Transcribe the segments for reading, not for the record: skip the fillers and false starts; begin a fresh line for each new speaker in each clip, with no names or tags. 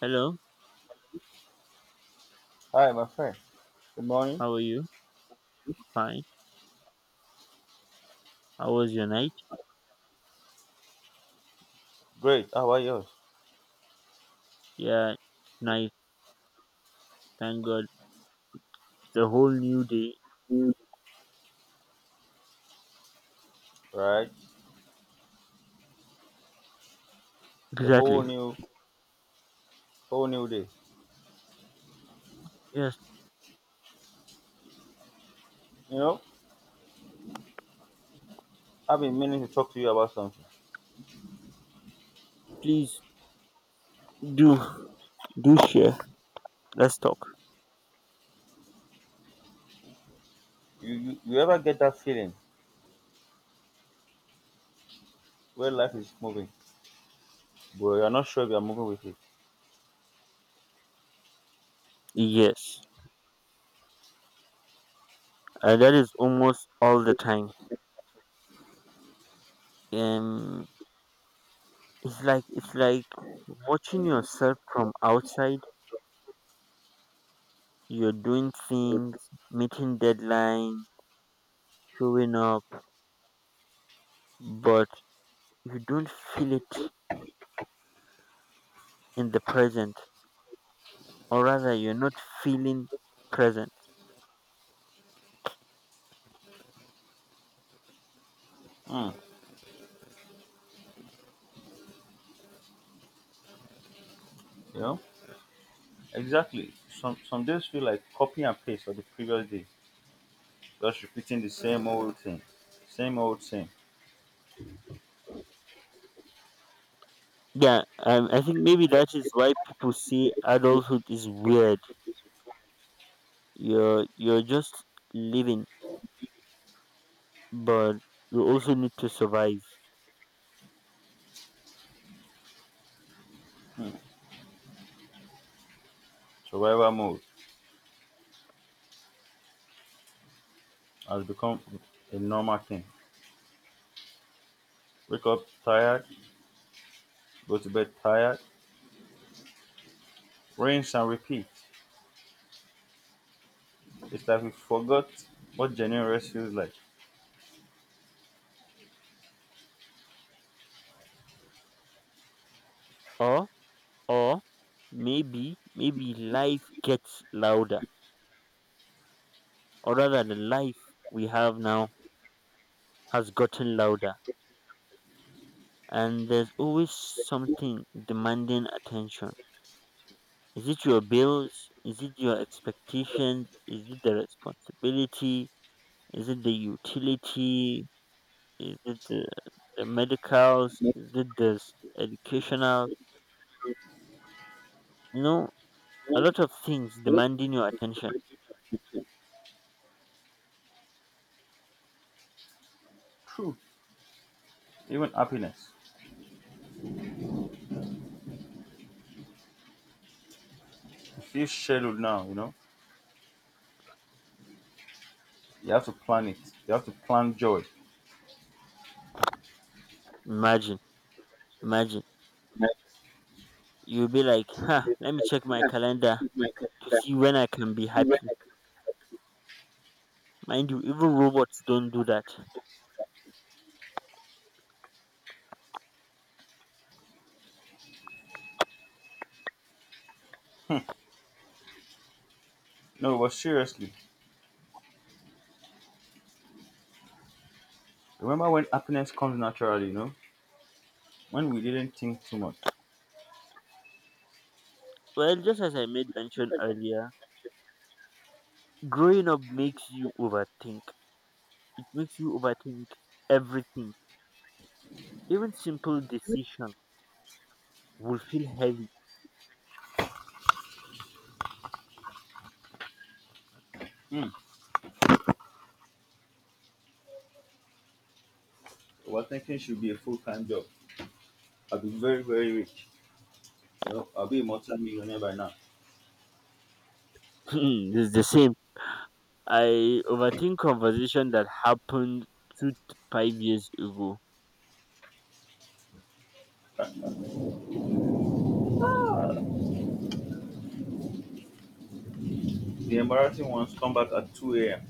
Hello,
Hi, my friend. Good morning.
how are you? Fine. How was your night?
Great. How are yours?
Yeah, nice. Thank God. It's a whole new day.
Mm. Right. A
Exactly.
whole new day.
Yes,
You know, I've been meaning to talk to you about something.
please do do share. Let's talk.
You ever get that feeling where life is moving, but you're not sure if you're moving with it?
Yes, that is almost all the time. Um, it's like watching yourself from outside. You're doing things, meeting deadline, showing up, but you don't feel it in the present, or rather, you're not feeling present.
Mm, you know, exactly. Some days feel like copy and paste of the previous day, just repeating the same old thing.
Yeah, I think maybe that is why people say adulthood is weird. You're just living, but you also need to survive.
Survival mode has become a normal thing. Wake up tired, go to bed tired, rinse and repeat. It's like we forgot what genuine rest feels like.
Or or maybe life gets louder, or rather, the life we have now has gotten louder, and there's always something demanding attention. Is it your bills? Is it your expectations? Is it the responsibility? Is it the utility? Is the medicals? Is the s- educational? You know, a lot of things demanding your attention.
True. Even happiness. It feels scheduled now, you know? You have to plan it. You have to plan joy.
Imagine, imagine. You'll be like, huh, let me check my calendar to see when I can be happy. Mind you, even robots don't do that.
No, but seriously, remember when happiness comes naturally, you know? When we didn't think too much.
Well, just as I made mention earlier, growing up makes you overthink. It makes you overthink everything. Even simple decision will feel heavy.
Hmm. Overthinking should be a full time job. I'll be very, very rich. You know, I'll be a multi millionaire by now.
It's the same. I overthink conversation that happened 2 to 5 years ago.
The embarrassing ones come back at 2 a.m.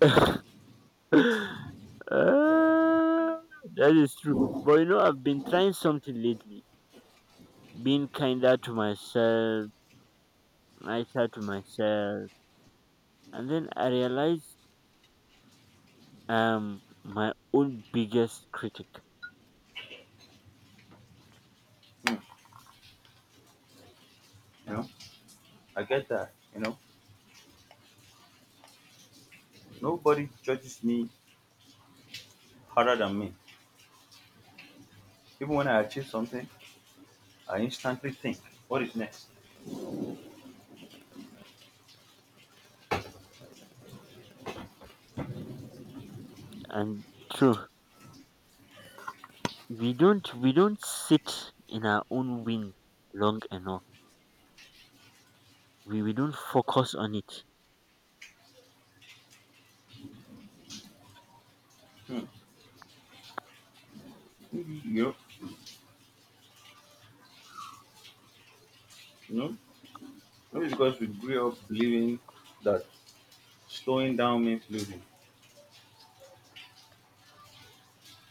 Ah, that is true. But you know, I've been trying something lately, being kinder to myself, nicer to myself, and then I realized my own biggest critic.
Hmm. You know, I get that. Nobody judges me harder than me. Even when I achieve something, I instantly think, what is next?
And true, we don't sit in our own wind long enough. We don't focus on it.
Hmm. You know, you know, Maybe because we grew up believing that slowing down means losing.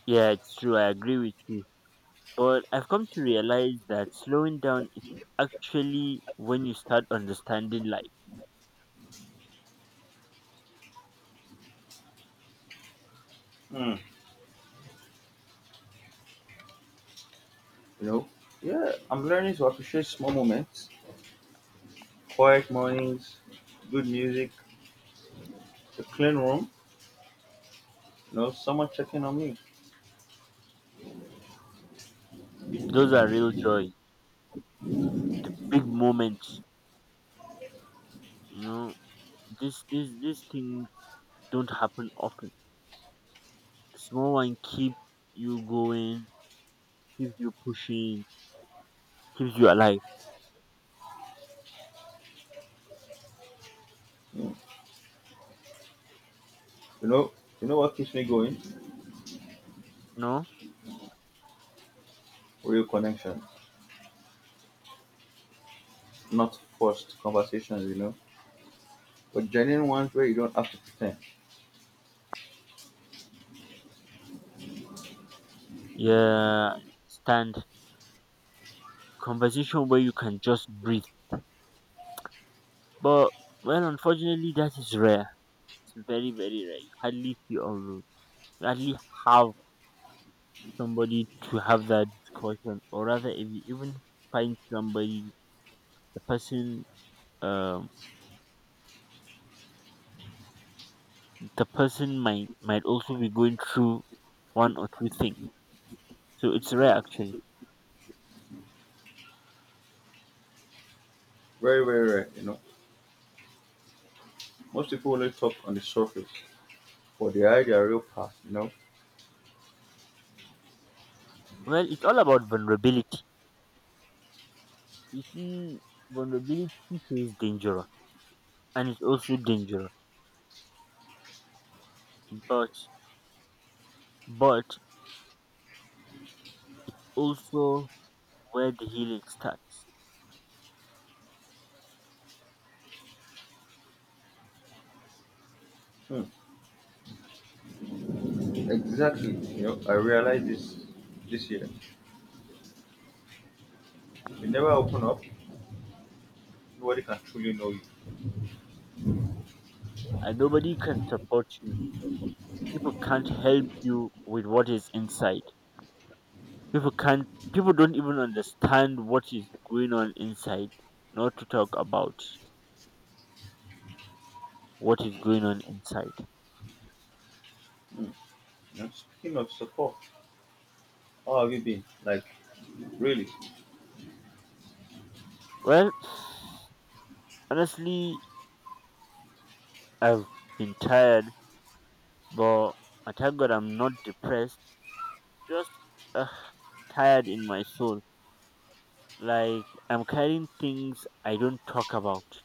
Yeah, it's true. I agree with you. But I've come to realize that slowing down is actually when you start understanding life.
Hmm. You know, yeah, I'm learning to appreciate small moments, quiet mornings, good music, a clean room, you know, someone checking on me.
Those are real joy, the big moments. You know, this these things don't happen often. The small one keep you going, keeps you pushing, keeps you alive.
Hmm. You know, you know what keeps me going?
No,
Real connection, not forced conversations, you know, but genuine ones where you don't have to pretend.
yeah, stand conversation where you can just breathe. But well, unfortunately, that is rare. It's very very rare. You hardly see all those. You hardly have somebody to have that discussion, or rather if you even find somebody, the person, um the person might also be going through one or two things, so it's rare actually.
Very, very rare, you know. Most people only talk on the surface, but they hide their real past, you know?
Well, it's all about vulnerability. You see, vulnerability feels dangerous, and it's also dangerous, but but also where the healing starts.
Hmm. Exactly. You know, I realized this year. If you never open up, nobody can truly know you.
And nobody can support you. People can't help you with what is inside. People can't, people don't even understand what is going on inside, not to talk about what is going on inside.
You know? Speaking of support, how have you been? Like, really,
Well, honestly, I've been tired, but I thank God I'm not depressed, just uh, tired in my soul, like I'm carrying things I don't talk about.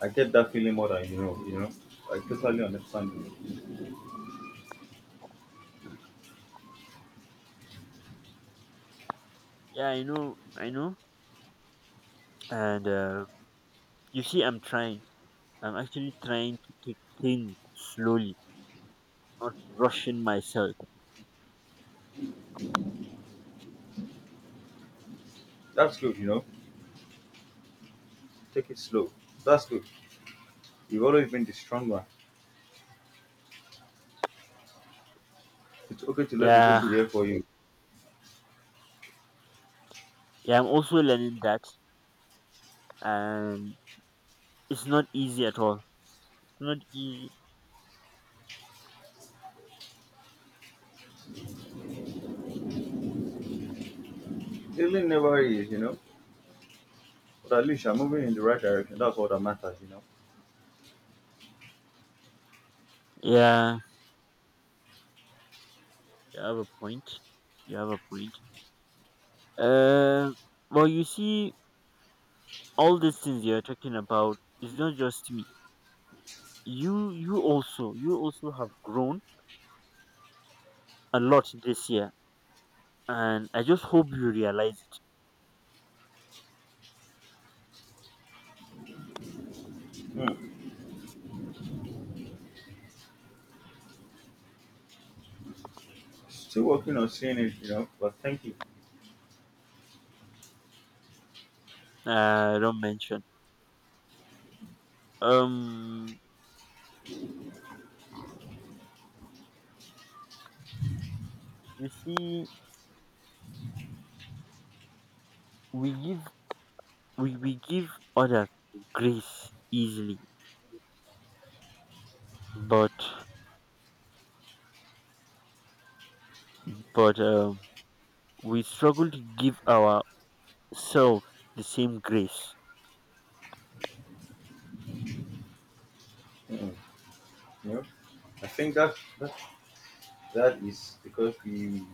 I get that feeling more than you know, you know? I totally understand you.
Yeah, I know. And you see, I'm trying. I'm actually trying to take things slowly, not rushing myself.
That's good, you know? Take it slow. That's good. You've always been the strong one. It's okay to let people be
Yeah,
here for you.
yeah, I'm also learning that, and it's not easy at all. Not easy.
Healing never is, you know? But at least you're moving in the right direction. That's all that matters, you know?
Yeah, you have a point. You have a point. uh, well, you see, all these things you're talking about, it's not just me. You also, you also have grown a lot this year, and I just hope you realize it.
Hmm. Still working on seeing it, you know. But thank you.
Uh, don't mention. um you see, we give, we give others grace easily, but but we struggle to give ourselves the same grace.
Mm, you know, I think that is because we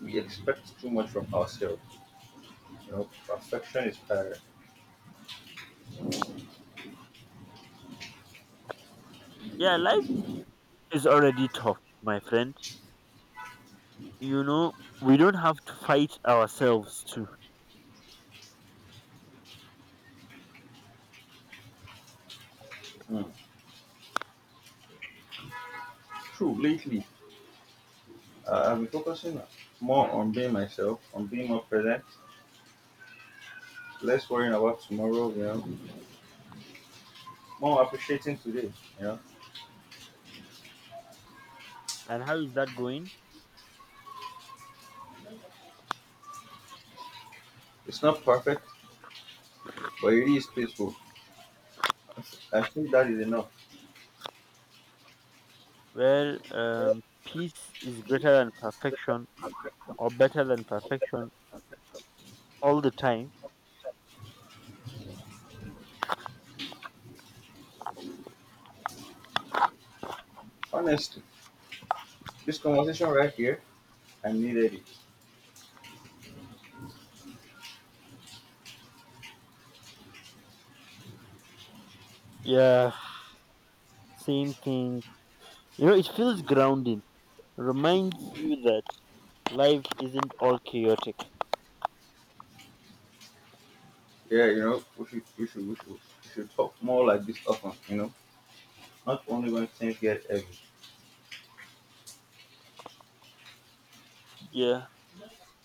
we expect too much from ourselves. You know, perfection is tired.
Yeah, life is already tough, my friend. You know, we don't have to fight ourselves too.
Mm. True. Lately, I've been focusing more on being myself, on being more present, less worrying about tomorrow. You know, more appreciating today. You know,
And how is that going?
it's not perfect, but it is peaceful. I think that is enough.
Well, peace is greater than perfection, or better than perfection all the time.
Honestly, this conversation right here, I needed it.
Yeah, same thing. You know, it feels grounding, reminds you that life isn't all chaotic.
Yeah, you know, we should talk more like this often. You know, not only when things get heavy.
Yeah,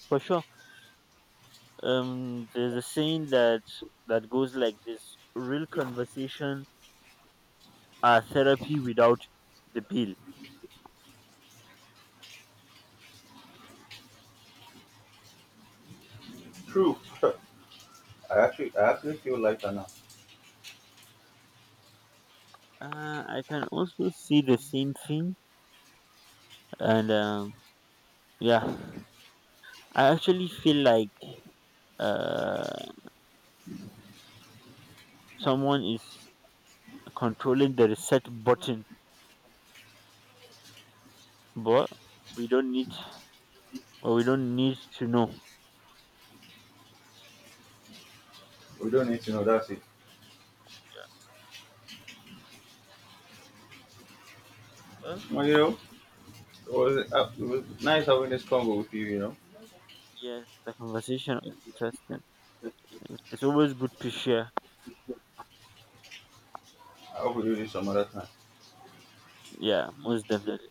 for sure. There's a saying that goes like this: real conversation are therapy without the bill.
True. I actually feel lighter now.
I can also see the same thing, and yeah, I actually feel like uh, someone is controlling the reset button, but we don't need we don't need to know.
We don't need to know. That's it.
Well,
Well, you know, it was nice having this convo with you. You know,
yeah, the conversation is interesting. It's always good to share.
I hope we do this some other time.
Yeah, most definitely.